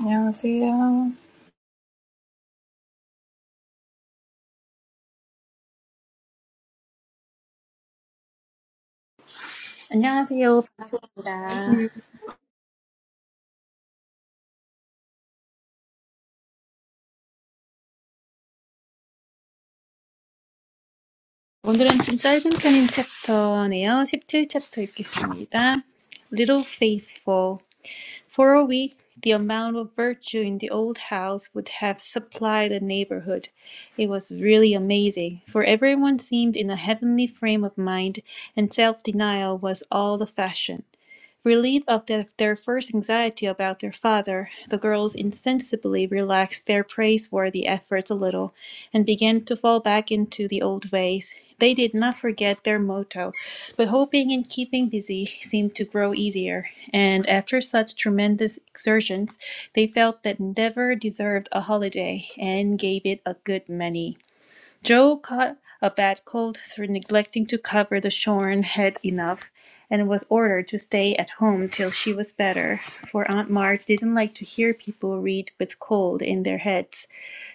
안녕하세요. 안녕하세요. Once he 반갑습니다. 오늘은 좀 짧은 편인 챕터네요. 십칠 챕터 읽겠습니다. Little faithful. For a week, the amount of virtue in the old house would have supplied the neighborhood. It was really amazing, for everyone seemed in a heavenly frame of mind, and self denial was all the fashion. Relieved of the- their first anxiety about their father, the girls insensibly relaxed their praiseworthy efforts a little and began to fall back into the old ways. They did not forget their motto, but hoping and keeping busy seemed to grow easier, and after such tremendous exertions, they felt that Endeavor deserved a holiday and gave it a good many. Joe caught a bad cold through neglecting to cover the shorn head enough, and was ordered to stay at home till she was better, for Aunt Marge didn't like to hear people read with cold in their heads.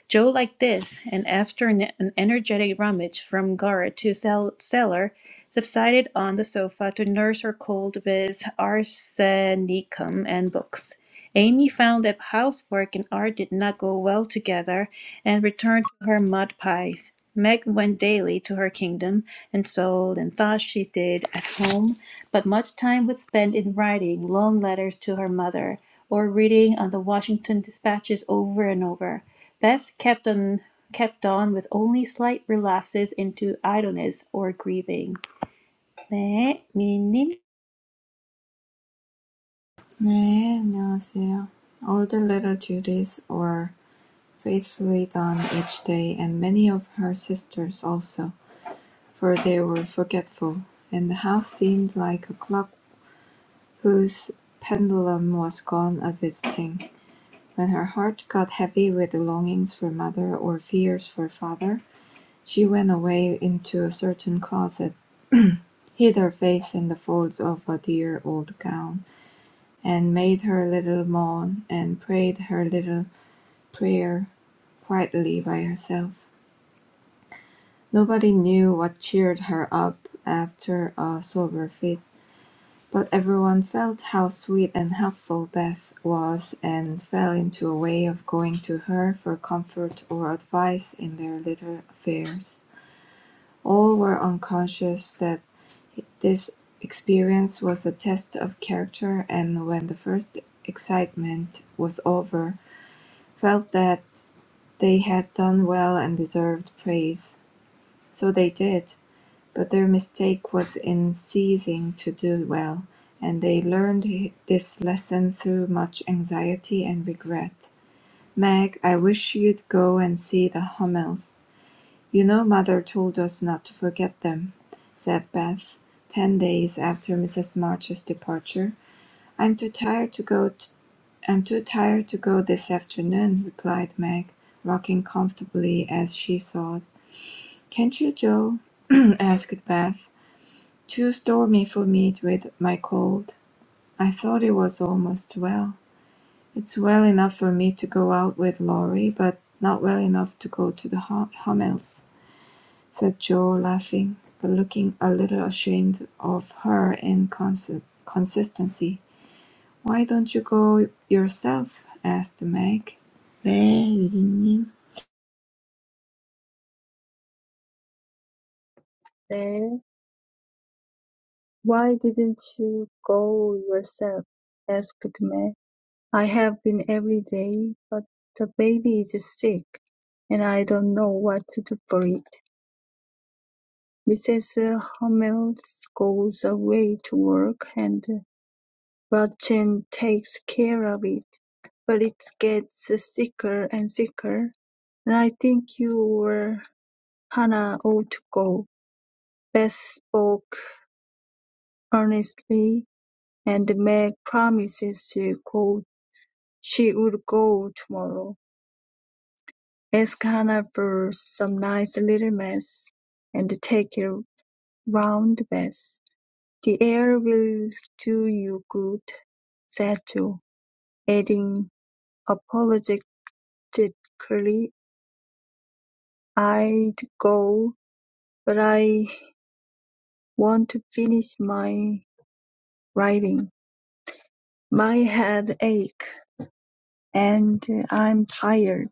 Joe liked this, and after an, energetic rummage from garret to cellar, subsided on the sofa to nurse her cold with arsenicum and books. Amy found that housework and art did not go well together and returned to her mud pies. Meg went daily to her kingdom and sold and thought she did at home, but much time was spent in writing long letters to her mother or reading on the Washington dispatches over and over. Beth kept on kept on with only slight relapses into idleness or grieving. 네, 미니님. 네, 안녕하세요. All the little duties were faithfully done each day, and many of her sisters also, for they were forgetful, and the house seemed like a clock whose pendulum was gone a visiting. When her heart got heavy with longings for mother or fears for father, she went away into a certain closet, hid her face in the folds of a dear old gown. and made her little moan and prayed her little prayer quietly by herself. Nobody knew what cheered her up after a sober fit, but everyone felt how sweet and helpful Beth was and fell into a way of going to her for comfort or advice in their little affairs. All were unconscious that this experience was a test of character, and when the first excitement was over, felt that they had done well and deserved praise. So they did, but their mistake was in ceasing to do well, and they learned this lesson through much anxiety and regret. Meg, I wish you'd go and see the Hummels. You know, Mother told us not to forget them, said Beth, ten days after Mrs. March's departure. I'm too tired to go t- "I'm too tired to go this afternoon," replied Meg, rocking comfortably as she thought. "Can't you, Joe?" asked Beth. "Too stormy for me with my cold. I thought it was almost well. It's well enough for me to go out with Laurie, but not well enough to go to the Hum- Hummels'," said Joe, laughing, but looking a little ashamed of her inconsistency. "Why don't you go yourself?" asked Meg. "네, 유진님." "Why didn't you go yourself?" asked May. "I have been every day, but the baby is sick, and I don't know what to do for it. Mrs. Hummels goes away to work, and Gretchen takes care of it, but it gets sicker and sicker, and I think you or Hannah ought to go." Beth spoke earnestly. and Meg promises she go she would go tomorrow, ask Hannah for some nice little mess, and take a round bath. The air will do you good, said Joe, adding apologetically, I'd go, but I want to finish my writing. My head aches, and I'm tired.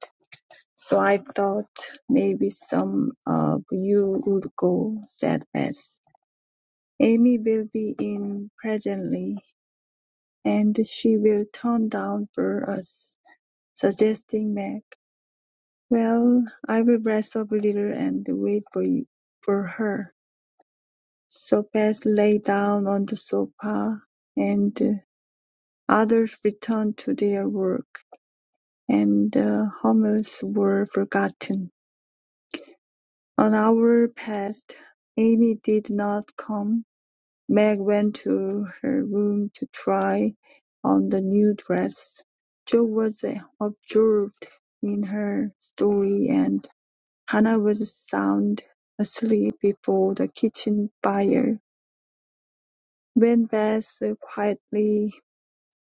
"So I thought maybe some of you would go," said Beth. "Amy will be in presently, and she will turn down for us," suggesting Meg. "Well, I will rest up a little and wait for you, for her." So Beth lay down on the sofa, and others returned to their work, and the Hummels were forgotten. An hour passed. Amy did not come. Meg went to her room to try on the new dress. Jo was absorbed in her story and Hannah was sound asleep before the kitchen fire, when Beth quietly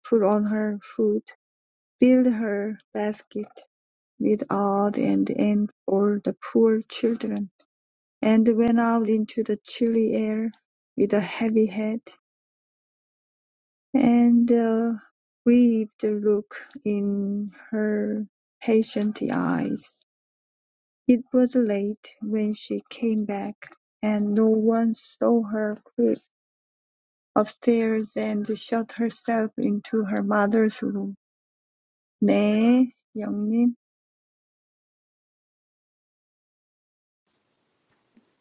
put on her hood, filled her basket with odd and end for the poor children. and went out into the chilly air with a heavy head and a grieved look in her patient eyes. It was late when she came back, and no one saw her creep upstairs and shut herself into her mother's room. 네, 영님.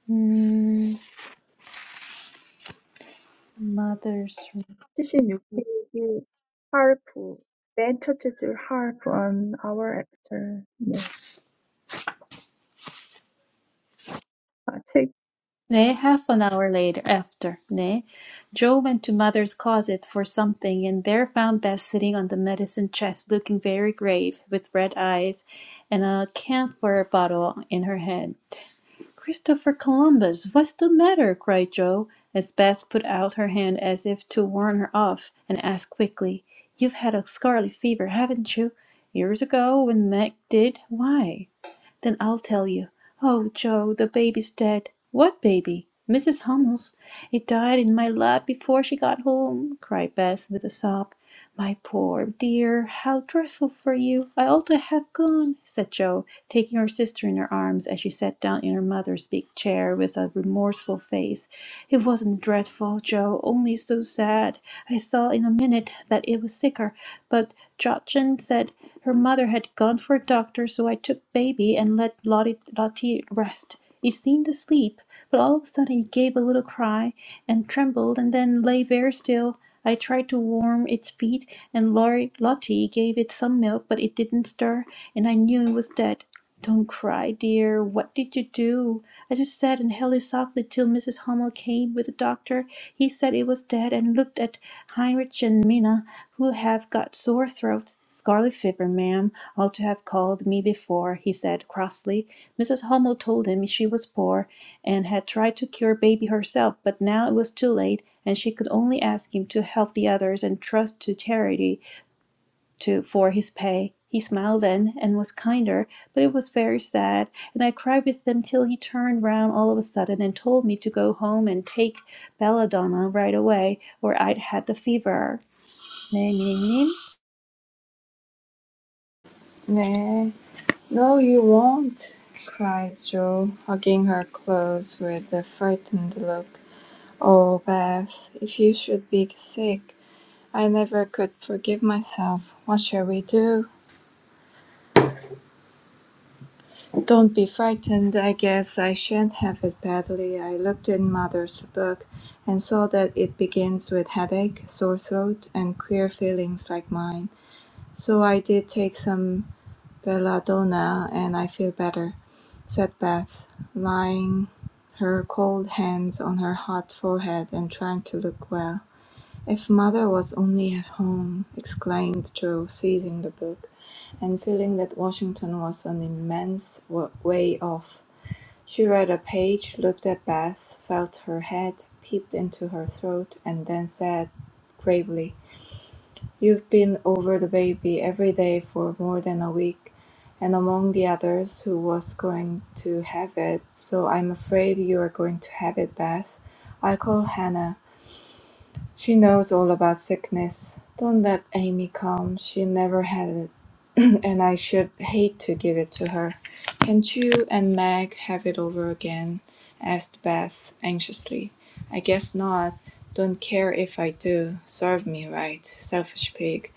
음, mother's 76페이지 harp, 맨 첫째 줄 harp on our after. 네, 아, 책 네, half an hour later after. 네. Joe went to mother's closet for something and there found Beth sitting on the medicine chest looking very grave with red eyes and a camphor bottle in her hand. Christopher Columbus, what's the matter? cried Joe, as Beth put out her hand as if to warn her off, and asked quickly, You've had a scarlet fever, haven't you? Years ago, when Meg did. Why? Then I'll tell you. Oh, Joe, the baby's dead. What baby? Mrs. Hummel's. It died in my lap before she got home, cried Beth with a sob. My poor dear, how dreadful for you! I ought to have gone, said Jo, taking her sister in her arms as she sat down in her mother's big chair with a remorseful face. It wasn't dreadful, Jo, only so sad. I saw in a minute that it was sicker, but Jochen said her mother had gone for a doctor, so I took baby and let Lottie, Lottie rest. He seemed asleep, but all of a sudden he gave a little cry and trembled and then lay very still. I tried to warm its feet, and Lottie gave it some milk, but it didn't stir, and I knew it was dead. Don't cry, dear. What did you do? I just sat and held it softly till Mrs. Hummel came with the doctor. He said it was dead and looked at Heinrich and Minna, who have got sore throats. Scarlet fever, ma'am, ought to have called me before, he said crossly. Mrs. Hummel told him she was poor and had tried to cure baby herself, but now it was too late, and she could only ask him to help the others and trust to charity to for his pay. He smiled then and was kinder, but it was very sad, and I cried with them till he turned round all of a sudden and told me to go home and take belladonna right away, or I'd had the fever. 네, 미니님. 네. No, you won't, cried Joe, hugging her close with a frightened look. Oh, Beth, if you should be sick, I never could forgive myself. What shall we do? Don't be frightened. I guess I shan't have it badly. I looked in Mother's book and saw that it begins with headache, sore throat, and queer feelings like mine. So I did take some belladonna and I feel better, said Beth, lying her cold hands on her hot forehead and trying to look well. If mother was only at home, exclaimed Joe, seizing the book and feeling that Washington was an immense wa- way off. She read a page, looked at Beth, felt her head, peeped into her throat, and then said gravely, You've been over the baby every day for more than a week, and among the others who was going to have it, so I'm afraid you're going to have it, Beth. I'll call Hannah. She knows all about sickness. Don't let Amy come. She never had it, and I should hate to give it to her. Can't you and Meg have it over again? asked Beth anxiously. I guess not. Don't care if I do. Serve me right, selfish pig.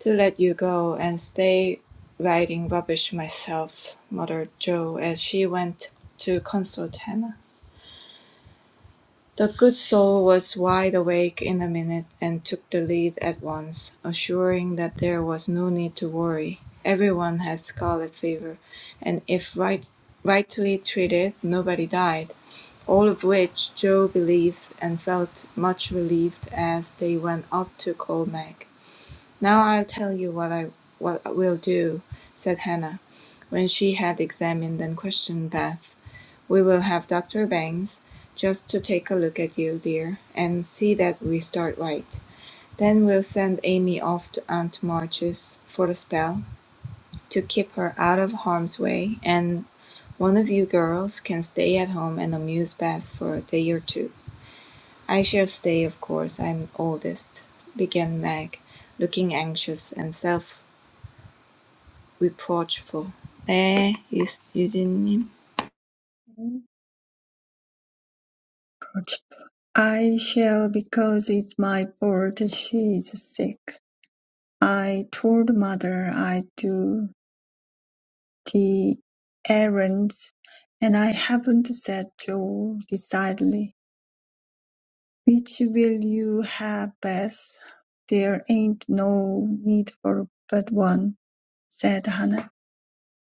To let you go and stay writing rubbish myself, muttered Jo as she went to consult Hannah. The good soul was wide awake in a minute and took the lead at once, assuring that there was no need to worry. Everyone had scarlet fever, and if right, rightly treated, nobody died. All of which Joe believed and felt much relieved as they went up to call Meg. "Now I'll tell you what I what we'll do," said Hannah, when she had examined and questioned Beth. "We will have Doctor Bangs just to take a look at you, dear, and see that we start right. Then we'll send Amy off to Aunt March's for a spell, to keep her out of harm's way, and one of you girls can stay at home and amuse Beth for a day or two." "I shall stay, of course. I'm oldest," began Meg, looking anxious and self reproachful. 네, 유- 유진님. Project. I shall because it's my fault she's sick. I told mother I do the errands, and I haven't said Joe decidedly. Which will you have, best? There ain't no need for but one, said Hannah.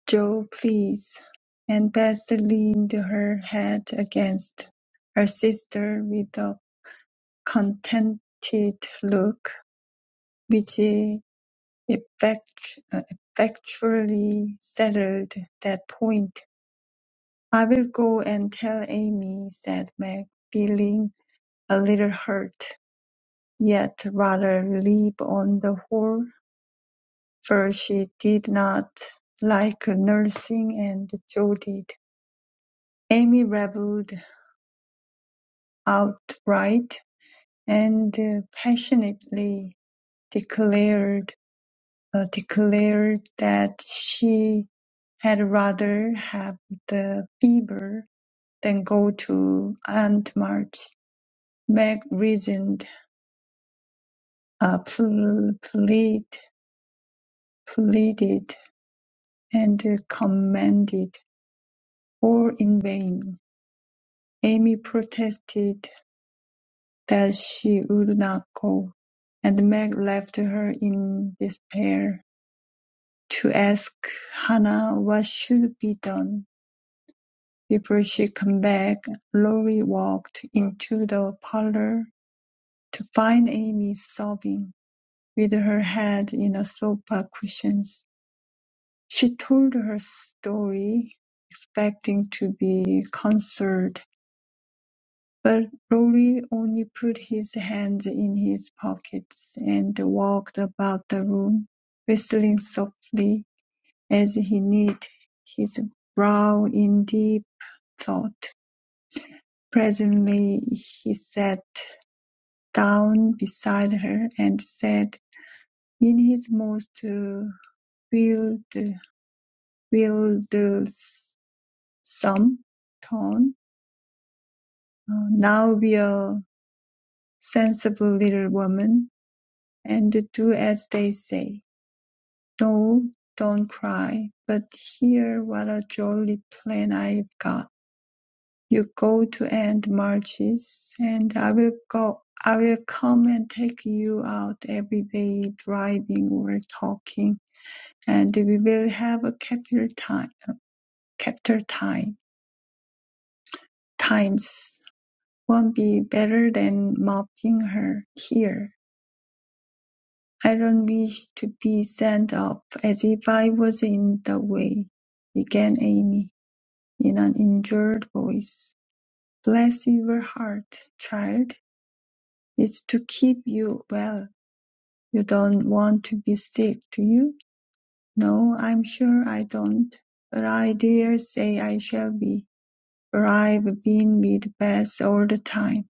Joe, please," and Beth leaned her head against her sister with a contented look, which effect- uh, effectually settled that point. "I'll go and tell Amy," said Meg, feeling a little hurt, yet rather relieved on the whole, for she did not like nursing, and Joe did. Amy rebelled outright and uh, passionately declared uh, declared that she had rather have the fever than go to Aunt March. Meg reasoned, uh, pl- plead, pleaded, and commanded, all in vain. Amy protested that she would not go, and Meg left her in despair. To ask Hannah what should be done. Before she came back, Lori walked into the parlor to find Amy sobbing, with her head in a sofa cushions. She told her story, expecting to be consoled, but Lori only put his hands in his pockets and walked about the room, whistling softly. As he knit his brow in deep thought, presently he sat down beside her, and said in his most wild wildsome tone, "Now be a sensible little woman, and do as they say. No, don't cry, but hear what a jolly plan I've got. You go to end marches, and I will go. I will come and take you out every day, driving or talking, and we will have a capital time. Capital time times won't be better than mopping her here. I don't wish to be sent up as if I was in the way, began Amy in an injured voice. Bless your heart, child. It's to keep you well. You don't want to be sick, do you? No, I'm sure I don't. But I dare say I shall be, for I've been with Bess all the time.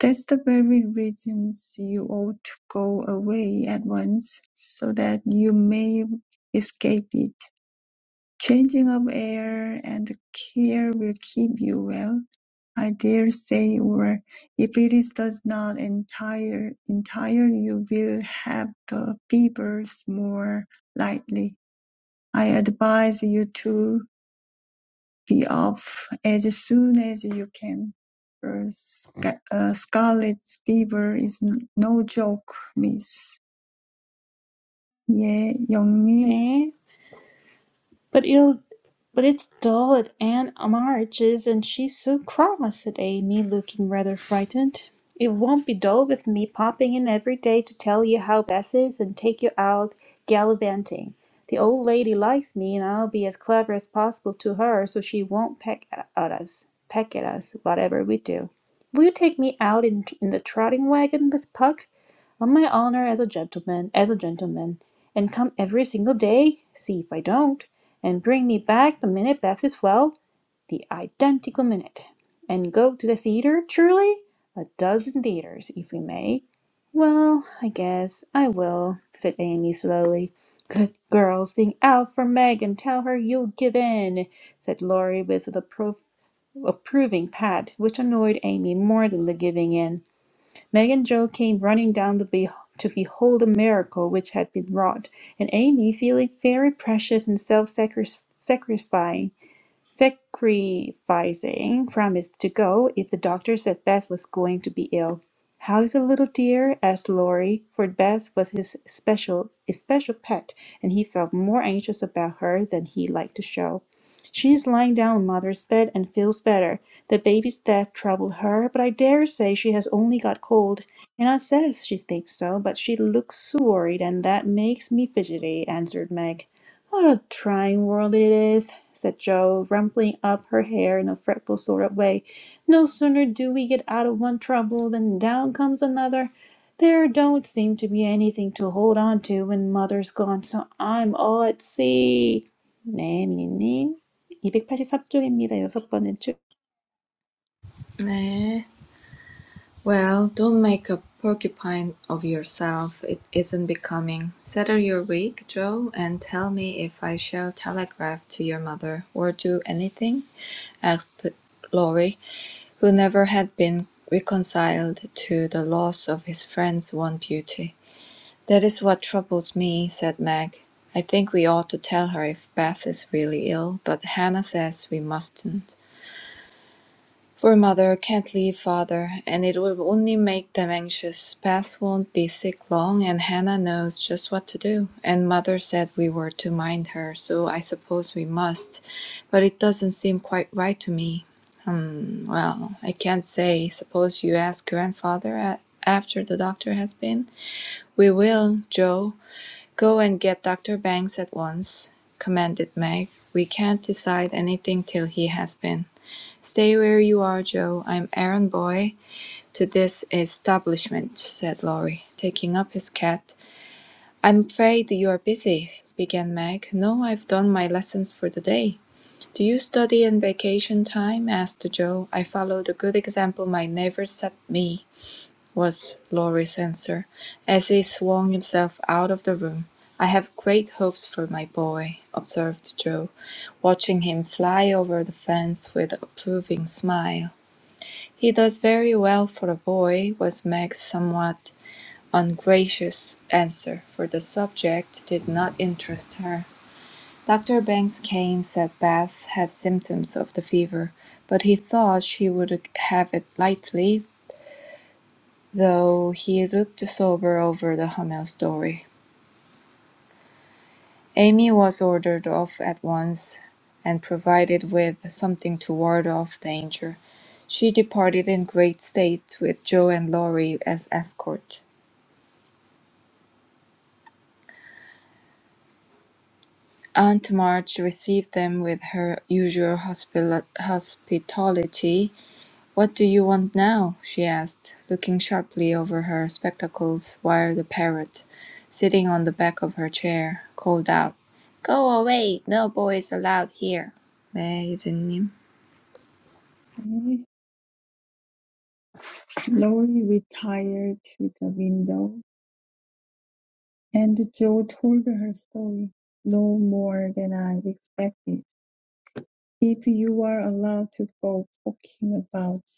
That's the very reason you ought to go away at once, so that you may escape it. Changing of air and care will keep you well. I dare say, or if it does not entire entire, you will have the fevers more lightly. I advise you to be off as soon as you can. for sca- uh, scarlet fever is n- no joke, miss. 예, 영님. 네. But it'll but it's dull at Aunt March's, and she's so cross," said Amy, looking rather frightened. "It won't be dull with me popping in every day to tell you how Beth is and take you out gallivanting. The old lady likes me, and I'll be as clever as possible to her, so she won't peck at at us, peck at us, whatever we do. Will you take me out in, in the trotting wagon with Puck? On my honor as a gentleman, as a gentleman, and come every single day, see if I don't, and bring me back the minute Beth is well, the identical minute, and go to the theater, truly, a dozen theaters, if we may. Well, I guess I will, said Amy slowly. Good girl, sing out for Meg and tell her you'll give in, said Laurie with the appro- approving pat, which annoyed Amy more than the giving in. Meg and Joe came running down the be- to behold the miracle which had been wrought, and Amy, feeling very precious and self sacrificing, Sacrificing promised to go if the doctor said Beth was going to be ill. How's your little dear? asked Laurie, for Beth was his special his special pet, and he felt more anxious about her than he liked to show. She's lying down on mother's bed and feels better. The baby's death troubled her, but I dare say she has only got cold. Anna says she thinks so, but she looks so worried, and that makes me fidgety, answered Meg. What a trying world it is, said Jo, rumpling up her hair in a fretful sort of way. No sooner do we get out of one trouble than down comes another. There don't seem to be anything to hold on to when mother's gone, so I'm all at sea. 네, 미니님. 283쪽입니다. 여섯 번째 줄. 네. Well, don't make a porcupine of yourself. It isn't becoming. Settle your wig, Joe, and tell me if I shall telegraph to your mother or do anything? asked Laurie, who never had been reconciled to the loss of his friend's one beauty. That is what troubles me, said Meg. I think we ought to tell her if Beth is really ill, but Hannah says we mustn't. For mother can't leave father, and it will only make them anxious. Beth won't be sick long, and Hannah knows just what to do. And mother said we were to mind her, so I suppose we must. But it doesn't seem quite right to me. Well, I can't say. Suppose you ask grandfather a- after the doctor has been? We will, Joe. Go and get Dr. Banks at once, commanded Meg. We can't decide anything till he has been. Stay where you are, Joe. I'm errand boy. "To this establishment," said Laurie, taking up his cat. "I'm afraid you're busy," began Meg. "No, I've done my lessons for the day." "Do you study in vacation time?" asked Joe. "I follow the good example my neighbors set me," was Laurie's answer, as he swung himself out of the room. "I have great hopes for my boy," observed Joe, watching him fly over the fence with an approving smile. He does very well for a boy, was Meg's somewhat ungracious answer, for the subject did not interest her. Dr. Banks Kane said Beth had symptoms of the fever, but he thought she would have it lightly, though he looked sober over the Hummel story. Amy was ordered off at once and provided with something to ward off danger. She departed in great state with Joe and Laurie as escort. Aunt March received them with her usual hospil- hospitality. "What do you want now?" she asked, looking sharply over her spectacles while the parrot, sitting on the back of her chair, called out, "Go away! No boys allowed here." 네, 유진님. 네. Lori retired to the window, and Jo told her story, no more than I expected. If you are allowed to go poking about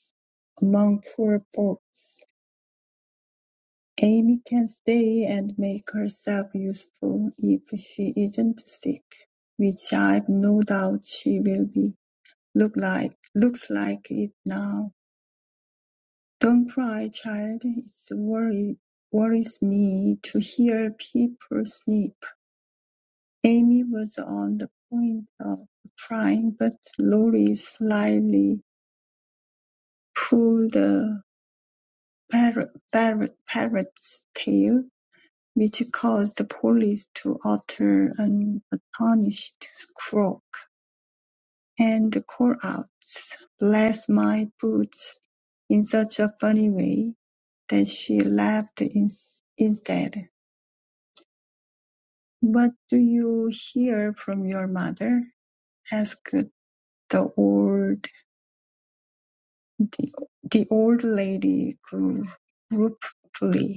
among poor folks, Amy can stay and make herself useful if she isn't sick, which I've no doubt she will be. Look like looks like it now. Don't cry, child. It's worry worries me to hear people sneeze. Amy was on the point of crying, but Laurie slyly pulled the parrot's tail, which caused the police to utter an astonished croak and call out "Bless my boots" in such a funny way that she laughed ins- instead. "What do you hear from your mother?" asked the old the, the old lady gru- gruffly.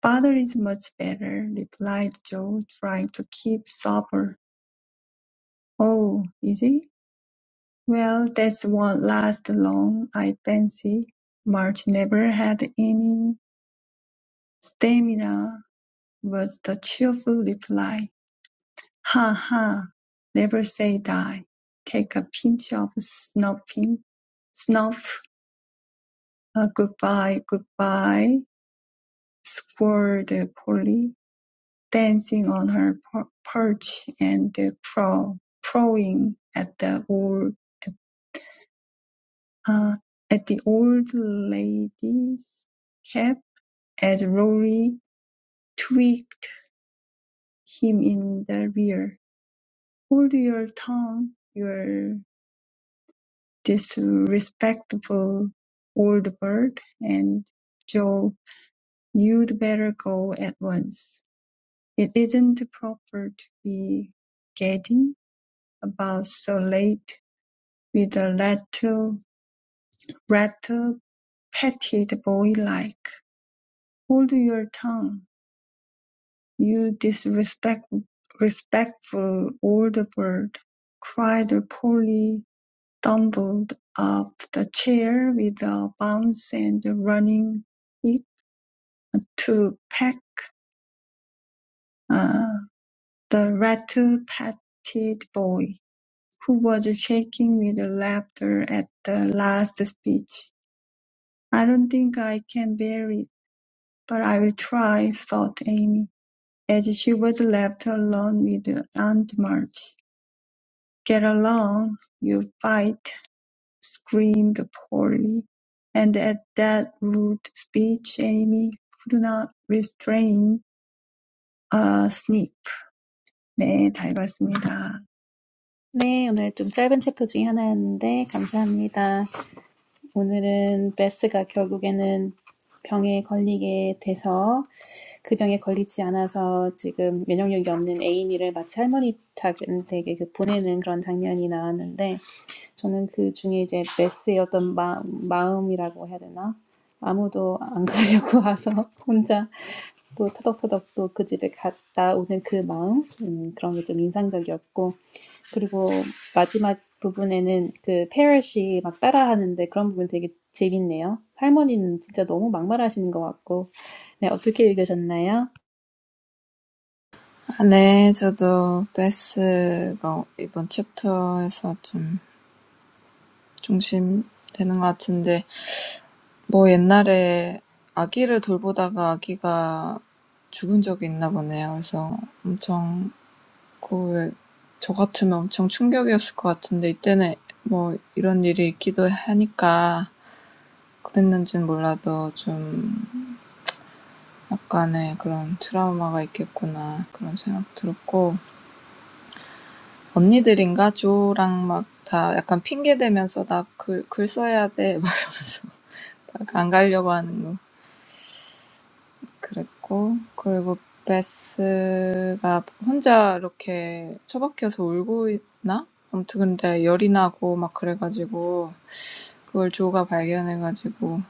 "Father is much better," replied Joe, trying to keep sober. "Oh, is he? Well, that won't last long, I fancy." "March never had any stamina," was the cheerful reply. "Ha! ha! Never say die. Take a pinch of snuffing. snuff. Good goodbye. good bye," Polly. dancing on her perch and crow, crowing at the old uh, at the old lady's cap as Rory tweaked him in the rear. Hold your tongue, you disrespectful old bird, and Joe, you'd better go at once. It isn't proper to be gadding about so late With a little rattle petted boy-like, "Hold your tongue, you disrespectful old bird," cried Polly, tumbled up the chair with a bounce and running it to peck uh, the rattle petted boy, who was shaking with laughter at the last speech. "I don't think I can bear it. "But I will try," thought Amy, as she was left alone with Aunt March. "Get along, you fight!" screamed Polly, and at that rude speech Amy could not restrain a sniff. 네, 잘 봤습니다. 네, 오늘 좀 짧은 챕터 중에 하나였는데, 감사합니다. 오늘은 베스가 결국에는 병에 걸리게 돼서 그 병에 걸리지 않아서 지금 면역력이 없는 에이미를 마치 할머니 댁에 그 보내는 그런 장면이 나왔는데 저는 그 중에 이제 메스의 어떤 마, 마음이라고 해야 되나? 아무도 안 가려고 와서 혼자 또 터덕터덕 또 그 집에 갔다 오는 그 마음 음, 그런 게 좀 인상적이었고 그리고 마지막 부분에는 그 페럿이 막 따라하는데 그런 부분 되게 재밌네요. 할머니는 진짜 너무 막말하시는 것 같고 네 어떻게 읽으셨나요? 아, 네, 저도 베스가 이번 챕터에서 좀 중심되는 것 같은데 뭐 옛날에 아기를 돌보다가 아기가 죽은 적이 있나 보네요. 그래서 엄청 그 저 같으면 엄청 충격이었을 것 같은데 이때는 뭐 이런 일이 있기도 하니까 그랬는진 몰라도 좀 약간의 그런 트라우마가 있겠구나 그런 생각 들었고 언니들인가 조랑 막다 약간 핑계 대면서 나 글 글 써야 돼 막 이러면서 막안 가려고 하는 거 그랬고 그리고 베스가 혼자 이렇게 처박혀서 울고 있나? 아무튼 근데 열이 나고 막 그래가지고 그걸 조가 발견해가지고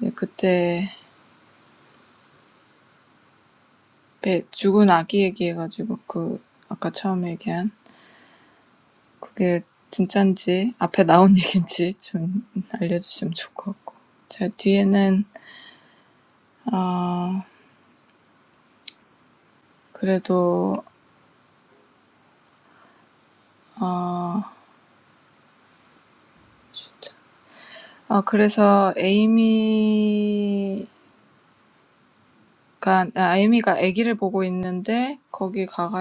이제 그때 배 죽은 아기 얘기해가지고 그 아까 처음 얘기한 그게 진짠지 앞에 나온 얘기인지 좀 알려주시면 좋을 것 같고 제 뒤에는 아 그래도 아 진짜 아 그래서 에이미 그러니까 아, 에이미가 아기를 보고 있는데 거기 가가지고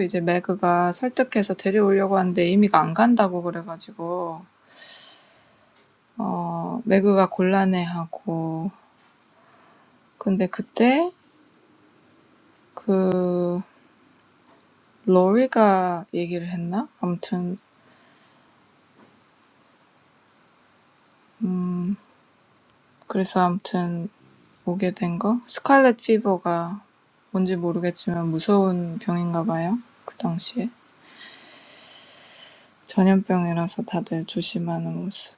이제 매그가 설득해서 데려오려고 하는데 에이미가 안 간다고 그래가지고 가지고 어 매그가 곤란해하고 근데 그때 그 로리가 얘기를 했나? 아무튼 음 그래서 아무튼 오게 된 거? 스칼렛 피버가 뭔지 모르겠지만 무서운 병인가 봐요. 그 당시에 전염병이라서 다들 조심하는 모습.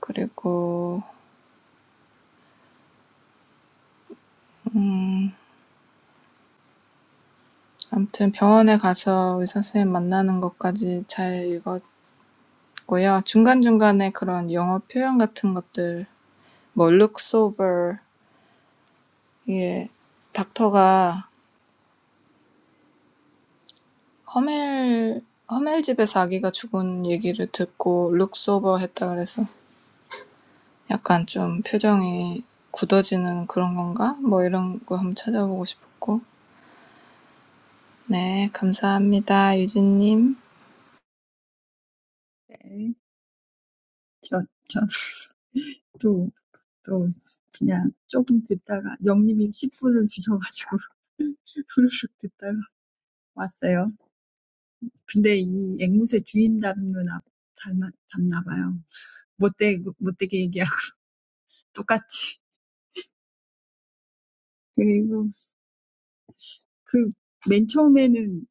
그리고 아무튼 병원에 가서 의사 선생님 만나는 것까지 잘 읽었고요. 중간중간에 그런 영어 표현 같은 것들 뭐 looks over 예 닥터가 허멜 허멜 집에서 아기가 죽은 얘기를 듣고 looks over 했다 그래서 약간 좀 표정이 굳어지는 그런 건가? 뭐 이런 거 한번 찾아보고 싶었고. 네, 감사합니다. 유진님. 네, 저, 저, 또, 또, 그냥 조금 듣다가, 영님이 10분을 주셔가지고, 후루룩 듣다가 왔어요. 근데 이 앵무새 주인 닮는 아, 닮아, 닮나 봐요. 못되, 못되게 얘기하고 똑같이. 그리고 그, 맨 처음에는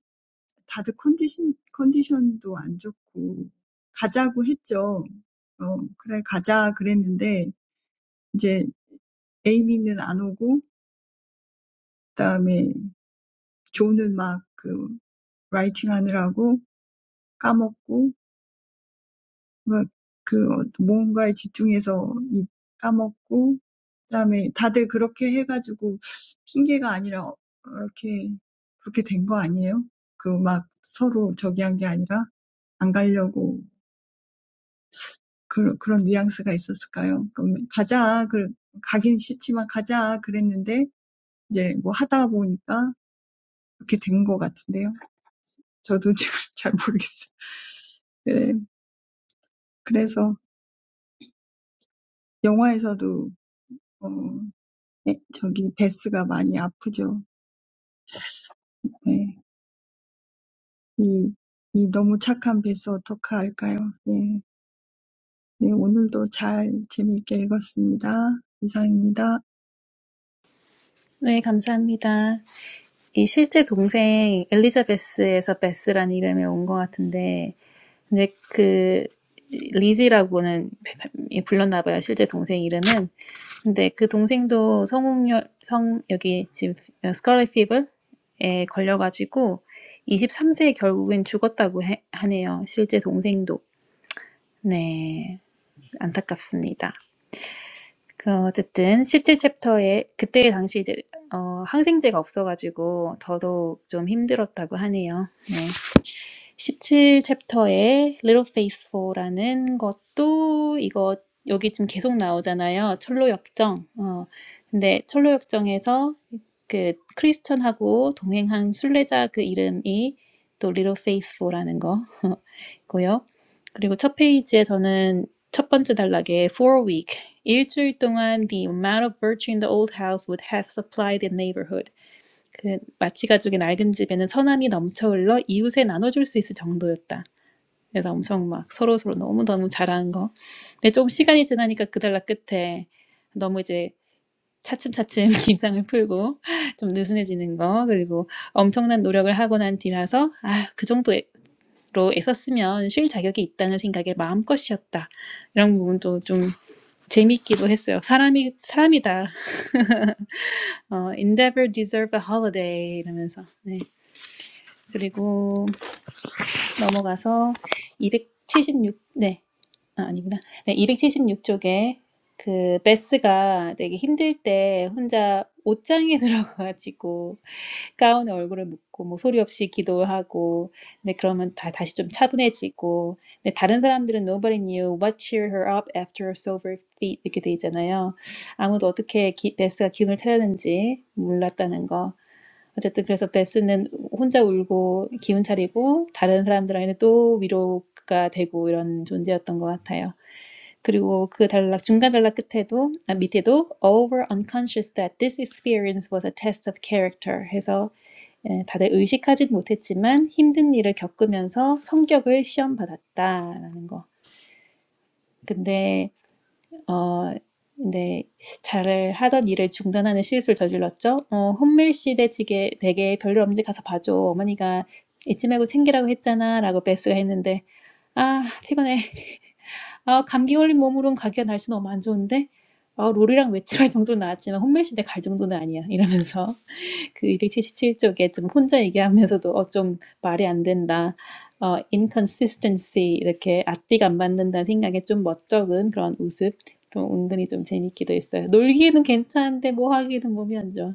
다들 컨디션, 컨디션도 안 좋고, 가자고 했죠. 어, 그래, 가자 그랬는데, 이제 에이미는 안 오고, 그다음에 조는 막그 라이팅 하느라고 까먹고, What, that something concentrated and forgot, and then everyone did that, so it's not an excuse, it's just like that, it's not just because they're enemies, it's not because they don't want to go, there's that nuance, right? So let's go, I want to go, but let's go, but now when we're doing it, it's like that, I don't know. Yes, so in the movie, 예, 저기 베스가 많이 아프죠. 예, 이, 이 너무 착한 베스 어떡할까요? 예, 네, 오늘도 잘 재미있게 읽었습니다. 이상입니다. 네, 감사합니다. 이 실제 동생 엘리자베스에서 베스라는 이름이 온 것 같은데, 근데 그 리지라고는 불렀나 봐요. 실제 동생 이름은. 근데 그 동생도 성홍열 성 여기 지금 스칼렛 피버에 걸려가지고 23세에 결국엔 죽었다고 해, 하네요. 실제 동생도. 네, 안타깝습니다. 그 어쨌든 17챕터에 그때 당시 이제 어 항생제가 없어가지고 더더욱 좀 힘들었다고 하네요. 네. 17챕터에 Little Faithful라는 것도 이거 여기 지금 계속 나오잖아요. 철로 역정. 어. 근데 철로 역정에서 그 크리스천하고 동행한 순례자 그 이름이 또 Little Faithful라는 거. 고요. 그리고 첫 페이지에 저는 첫 번째 단락에 for a week 일주일 동안 the amount of virtue in the old house would have supplied the neighborhood. 그 마치 가족의 낡은 집에는 선함이 넘쳐 흘러 이웃에 나눠줄 수 있을 정도였다. 그래서 엄청 막 서로 서로 너무 너무 잘하는 거. 근데 조금 시간이 지나니까 그 단락 끝에 너무 이제 차츰차츰 긴장을 풀고 좀 느슨해지는 거 그리고 엄청난 노력을 하고 난 뒤라서 아 그 정도 로 애썼으면 쉴 자격이 있다는 생각에 마음껏 쉬었다. 이런 부분도 좀 재밌기도 했어요. 사람이 사람이다. 어, endeavor deserve a holiday 이러면서. 네. 그리고 넘어가서 이백칠십육 네. 아, 아닙니다. 네, 276쪽에 그 베스가 되게 힘들 때 혼자 옷장에 들어가가지고 가운에 얼굴을 묻고 뭐 소리 없이 기도하고 근데 그러면 다 다시 좀 차분해지고 근데 다른 사람들은 nobody knew what cheered her up after her silver feet 이렇게 돼 있잖아요. 아무도 어떻게 기, 베스가 기운을 차렸는지 몰랐다는 거. 어쨌든 그래서 베스는 혼자 울고 기운 차리고 다른 사람들한테 또 위로가 되고 이런 존재였던 것 같아요. 그리고 그 단락 중간 단락 끝에도 아, 밑에도 all were unconscious that this experience was a test of character 해서 예, 다들 의식하진 못했지만 힘든 일을 겪으면서 성격을 시험받았다라는 거. 근데 어 근데 잘 하던 일을 중단하는 실수를 저질렀죠. 어, 혼밀 씨 대지게 되게 별일 없는지 가서 봐줘. 어머니가 잊지 말고 챙기라고 했잖아라고 베스가 했는데 아 피곤해. 아 감기 걸린 몸으로는 가기가 날씨 너무 안 좋은데. 아 롤이랑 외출할 정도는 나왔지만 혼밀 씨한테 갈 정도는 아니야 이러면서 그 277쪽에 좀 혼자 얘기하면서도 어, 좀 말이 안 된다. 어, inconsistency 이렇게 앞뒤가 안 맞는다는 생각에 좀 멋쩍은 그런 우습 좀 은근히 좀 재밌기도 했어요. 놀기는 에 괜찮은데 뭐 하기는 몸이 안 좋아.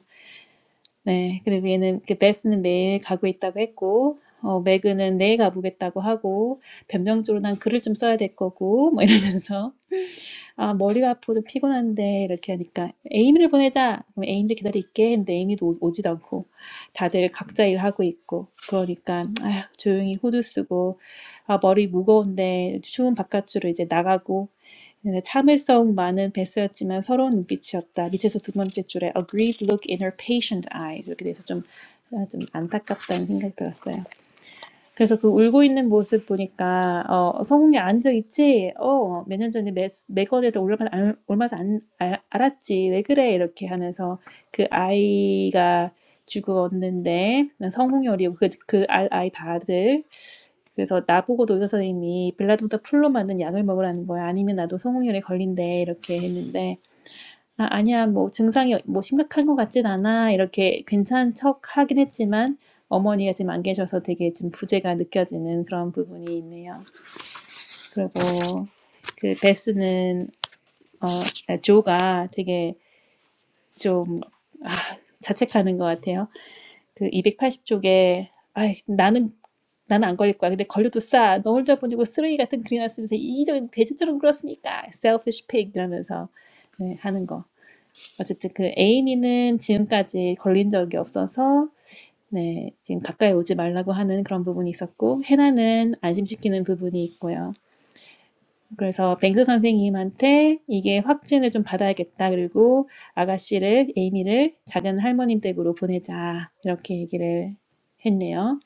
네, 그리고 얘는 그 베스는 매일 가고 있다고 했고 어, 매그는 내일 가보겠다고 하고 변명적으로 난 글을 좀 써야 될 거고 뭐 이러면서 아, 머리가 아프고 좀 피곤한데, 이렇게 하니까, 에이미를 보내자! 그럼 에이미를 기다릴게 했는데, 에이미도 오- 오지도 않고, 다들 각자 일하고 있고, 그러니까, 아휴, 조용히 후드 쓰고, 아, 머리 무거운데, 추운 바깥으로 이제 나가고, 네, 참을성 많은 베스였지만 서러운 눈빛이었다. 밑에서 두 번째 줄에, a grieved look in her patient eyes. 이렇게 돼서 좀, 아, 좀 안타깝다는 생각이 들었어요. 그래서 그 울고 있는 모습 보니까 어, 성웅이 안 잊지? 어, 몇 년 전에 매, 매건에도 올라만 올마서 안, 알- 알았지. 왜 그래? 이렇게 하면서 그 아이가 죽었는데 성웅이 어리고 그, 그 알- 아이 다들 그래서 나보고 도교 선생님이 빌라도다 풀로 만든 약을 먹으라는 거야. 아니면 나도 성홍열에 걸린대. 이렇게 했는데 "아 아니야. 뭐 증상이 어, 뭐 심각한 것 같진 않아." 이렇게 괜찮은 척하긴 했지만 어머니가 지금 안 계셔서 되게 지금 부재가 느껴지는 그런 부분이 있네요. 그리고 그 베스는 어아 조가 되게 좀아 자책하는 것 같아요. 그 280 쪽에 아 나는 나는 안 걸릴 거야. 근데 걸려도 싸. 너 혼자 보내고 쓰레기 같은 글이나 쓰면서 이기적인 돼지처럼 굴었으니까 selfish pig." 이러면서 네 하는 거. 어쨌든 그 에이미는 지금까지 걸린 적이 없어서 네, 지금 가까이 오지 말라고 하는 그런 부분이 있었고 해나는 안심시키는 부분이 있고요. 그래서 뱅스 선생님한테 이게 확진을 좀 받아야겠다. 그리고 아가씨를 에이미를 작은 할머님 댁으로 보내자. 이렇게 얘기를 했네요.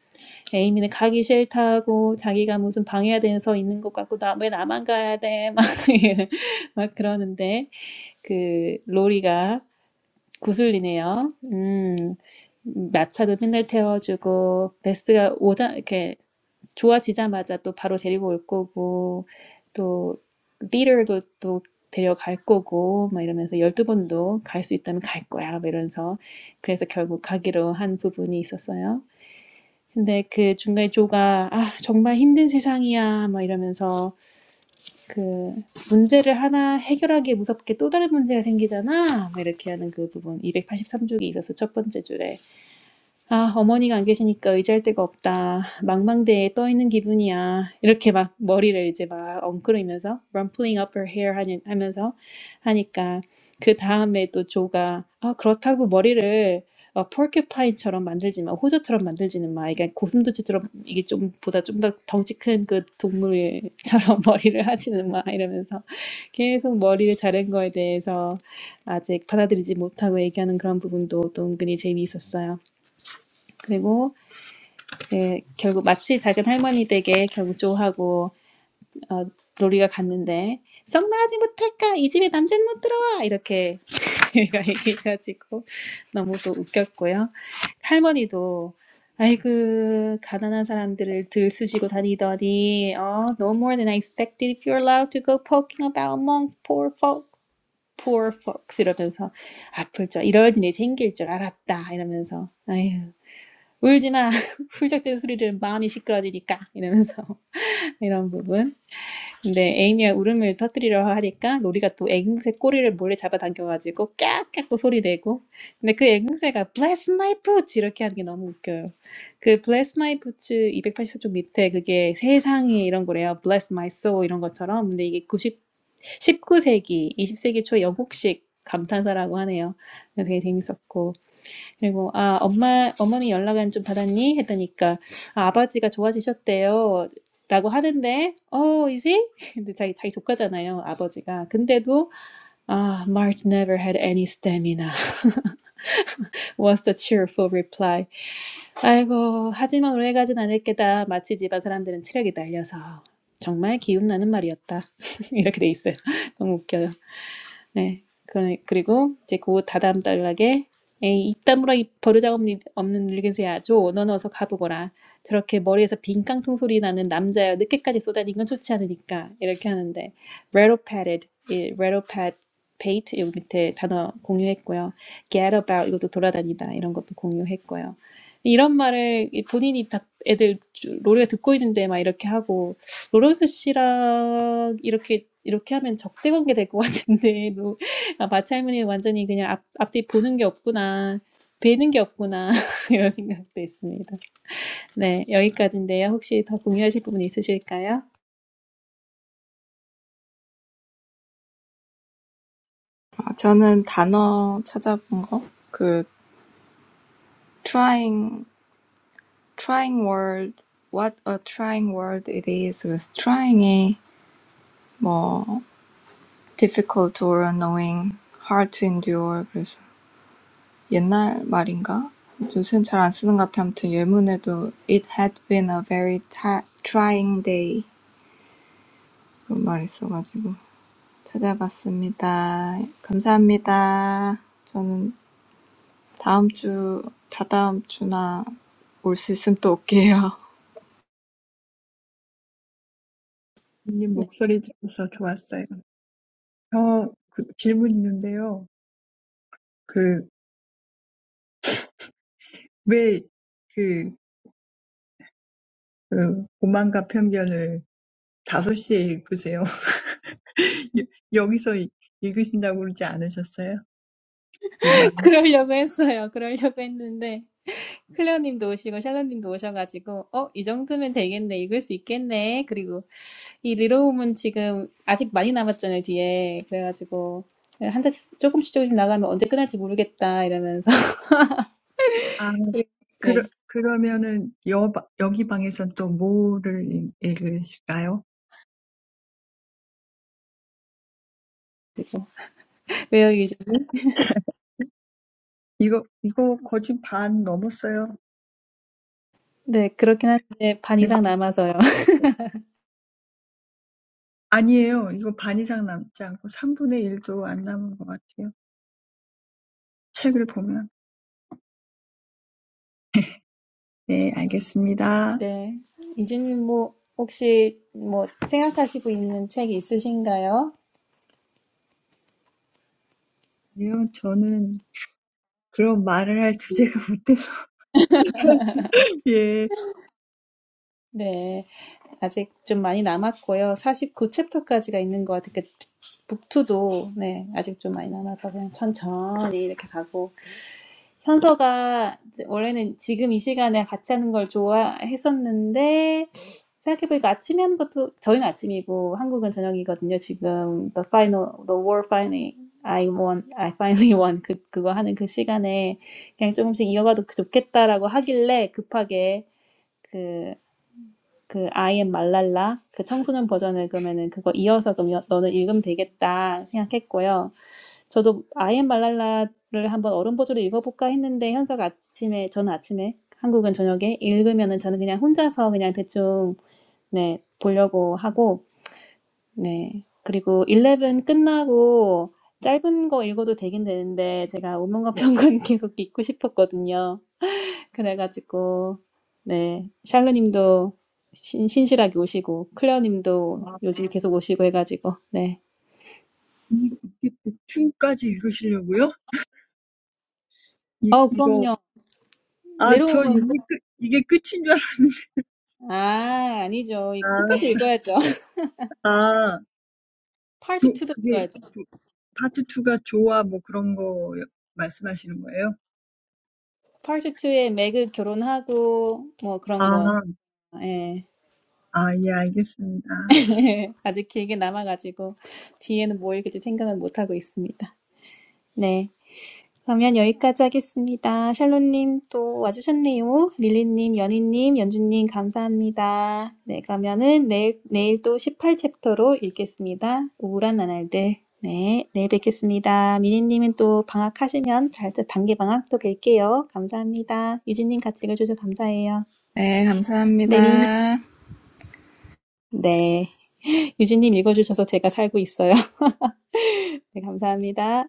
에이미는 가기 싫다고 자기가 무슨 방해가 돼서 있는 것 같고 나왜 나만 가야 돼? 막, 막 그러는데 그 로리가 구슬이네요. 음, 마차도 맨날 태워주고, 베스트가 오자, 이렇게 좋아지자마자 또 바로 데리고 올 거고, 또, 리더도 또 데려갈 거고, 막 이러면서 12번도 갈 수 있다면 갈 거야, 막 이러면서. 그래서 결국 가기로 한 부분이 있었어요. 근데 그 중간에 조가, 아, 정말 힘든 세상이야, 막 이러면서 그 문제를 하나 해결하기에 무섭게 또 다른 문제가 생기잖아. 뭐 이렇게 하는 그 부분 283쪽에 있어서 첫 번째 줄에 아, 어머니가 안 계시니까 의지할 데가 없다. 망망대해에 떠 있는 기분이야. 이렇게 막 머리를 이제 막 엉크리면서 rumpling up her hair 하니, 하면서 하니까 그 다음에 또 조가 아, 그렇다고 머리를 어, 포큐파인처럼 만들지 마, 호주처럼 만들지는 마. 그러니까 고슴도치처럼 이게 좀 보다 좀 더 덩치 큰 그 동물처럼 머리를 하지는 마 이러면서 계속 머리를 자른 거에 대해서 아직 받아들이지 못하고 얘기하는 그런 부분도 또 은근히 재미있었어요. 그리고 그 결국 마치 작은 할머니 댁에 경조하고 어, 로리가 갔는데 성나하지 못할까 이 집에 남자는 못 들어와 이렇게 얘가 얘기해가지고 너무 또 웃겼고요. 할머니도 아이고 가난한 사람들을 들쑤시고 다니더니 어, no more than I expected if you're allowed to go poking about among poor folk poor folks 이러면서 아플 줄 이럴 일이 생길 줄 알았다 이러면서 아휴 울지 마. 훌쩍대는 소리들은 마음이 시끄러지니까 이러면서 이런 부분. 근데 에이미가 울음을 터뜨리려 하니까 로리가 또 앵무새 꼬리를 몰래 잡아당겨가지고 깍깍 또 소리 내고. 근데 그 앵무새가 bless my boots 이렇게 하는 게 너무 웃겨요. 그 bless my boots 284쪽 밑에 그게 세상에 이런 거래요. bless my soul 이런 것처럼. 근데 이게 90 19세기, 20세기 초 영국식 감탄사라고 하네요. 되게 재밌었고. 그리고 아 엄마 어머니 연락은 좀 받았니? 했더니까 아, 아버지가 좋아지셨대요. 라고 하는데 oh is he? 근데 자기 자기 조카잖아요 아버지가 근데도 아 March never had any stamina was the cheerful reply 아이고 하지만 오래 가진 않을 게다 마치 집안 사람들은 체력이 날려서 정말 기운 나는 말이었다 이렇게 돼 있어요 너무 웃겨요 네. 그- 리고 이제 그 다다음 달락에 에이 입다물어 버르장 없는늙은새야너넌 어서 가보거라. 저렇게 머리에서 빈 깡통 소리 나는 남자여 늦게까지 쏘다니는 건 좋지 않으니까 이렇게 하는데 rattle pated, 이 rattle pat, pate 여기 밑에 단어 공유했고요. get about 이것도 돌아다니다 이런 것도 공유했고요. 이런 말을 이 본인이 다 애들 주- 로리가 듣고 있는데 막 이렇게 하고 로런스 씨랑 이렇게 이렇게 하면 적대 관계 될 것 같은데 너, 아, 마치 할머니는 완전히 그냥 앞, 앞뒤 보는 게 없구나 뵈는 게 없구나 이런 생각도 있습니다. 네 여기까지인데요. 혹시 더 공유하실 부분 있으실까요? 아, 저는 단어 찾아본 거. 그, trying trying word, What a trying word it is. 그래서 trying이 뭐 difficult or annoying, hard to endure. 그래서 옛날 말인가? 요새는 잘 안 쓰는 것 같아. 아무튼 예문에도 it had been a very ti- trying day 그런 말 있어가지고 찾아봤습니다. 감사합니다. 저는 다음 주, 다다음 주나 올 수 있으면 또 올게요. 님 목소리 들어서 좋았어요. 저, 그, 질문 있는데요. 그, 왜, 그, 그, 오만과 편견을 다섯 시에 읽으세요? 여- 여기서 이- 읽으신다고 그러지 않으셨어요? 이방. 그러려고 했어요. 그러려고 했는데 클레어님도 오시고 샬롯님도 오셔가지고 어 이 정도면 되겠네 읽을 수 있겠네 그리고 이 리로움은 지금 아직 많이 남았잖아요, 뒤에. 그래가지고, 네, 한달 조금씩 조금씩 나가면 언제 끝날지 모르겠다, 이러면서. 아, 그리고- 그러, 네. 그러면은, 여, 여기 방에선 또 뭐를 읽- 읽으실까요? 그리고, 외우기 이제, 이거, 이거 거진 반 넘었어요. 네, 그렇긴 한데, 반 이상 남아서요. 아니에요. 이거 반 이상 남지 않고 삼분의 일도 안 남은 것 같아요. 책을 보면. 네, 알겠습니다. 네. 이진님, 뭐, 혹시, 뭐, 생각하시고 있는 책이 있으신가요? 아니요, 저는 그런 말을 할 주제가 못 돼서. 예. 네. 아직 좀 많이 남았고요. 49챕터까지가 있는 것 같아요. 그 북2도, 네, 아직 좀 많이 남아서 그냥 천천히 이렇게 가고, 현서가 이제 원래는 지금 이 시간에 같이 하는 걸 좋아했었는데 생각해보니까 아침에 하는 것도 저희는 아침이고 한국은 저녁이거든요. 지금 the final, the war finally, I won, I finally won 그 그거 하는 그 시간에 그냥 조금씩 이어가도 그 좋겠다라고 하길래 급하게 그 그 I am 말랄라 그 청소년 버전을 그러면은 그거 이어서 그럼 여- 너는 읽으면 되겠다 생각했고요. 저도 아이엠 말랄라를 한번 어른 버전으로 읽어볼까 했는데 현석 아침에 저는 아침에 한국은 저녁에 읽으면은 저는 그냥 혼자서 그냥 대충 네 보려고 하고 네 그리고 11 끝나고 짧은 거 읽어도 되긴 되는데 제가 오명과 평군 계속 읽고 싶었거든요. 그래가지고 네 샬루님도 신, 신실하게 오시고 클레어님도 아, 요즘 계속 오시고 해가지고 네. 이게 대충까지 읽으시려고요? 이, 어 이거, 그럼요. 아, 저 레로우먼 이게 끝, 이게 끝인 줄 알았어요. 아, 아니죠. 이거 끝까지 읽어야죠. 아, 아, 파트 조, 2도 그게, 읽어야죠. 조, 파트 2가 조화 뭐 그런 거 말씀하시는 거예요? 파트 2에 매그 결혼하고 뭐 그런 아, 거. 예. 아, 예, 알겠습니다. 아직 길게 남아가지고 뒤에는 뭐 읽을지 생각은 못하고 있습니다. 네. 그러면 여기까지 하겠습니다. 샬롯님 또 와주셨네요. 릴리님, 연희님, 연주님 감사합니다. 네, 그러면은 내일, 내일 또 18챕터로 읽겠습니다. 우울한 나날들. 네, 내일 뵙겠습니다. 미니님은 또 방학하시면 잘, 단기 방학 또 뵐게요. 감사합니다. 유진님 같이 읽어주셔서 감사해요. 네, 네, 미니님. 감사합니다. 네. 유진님 읽어주셔서 제가 살고 있어요. 네, 감사합니다.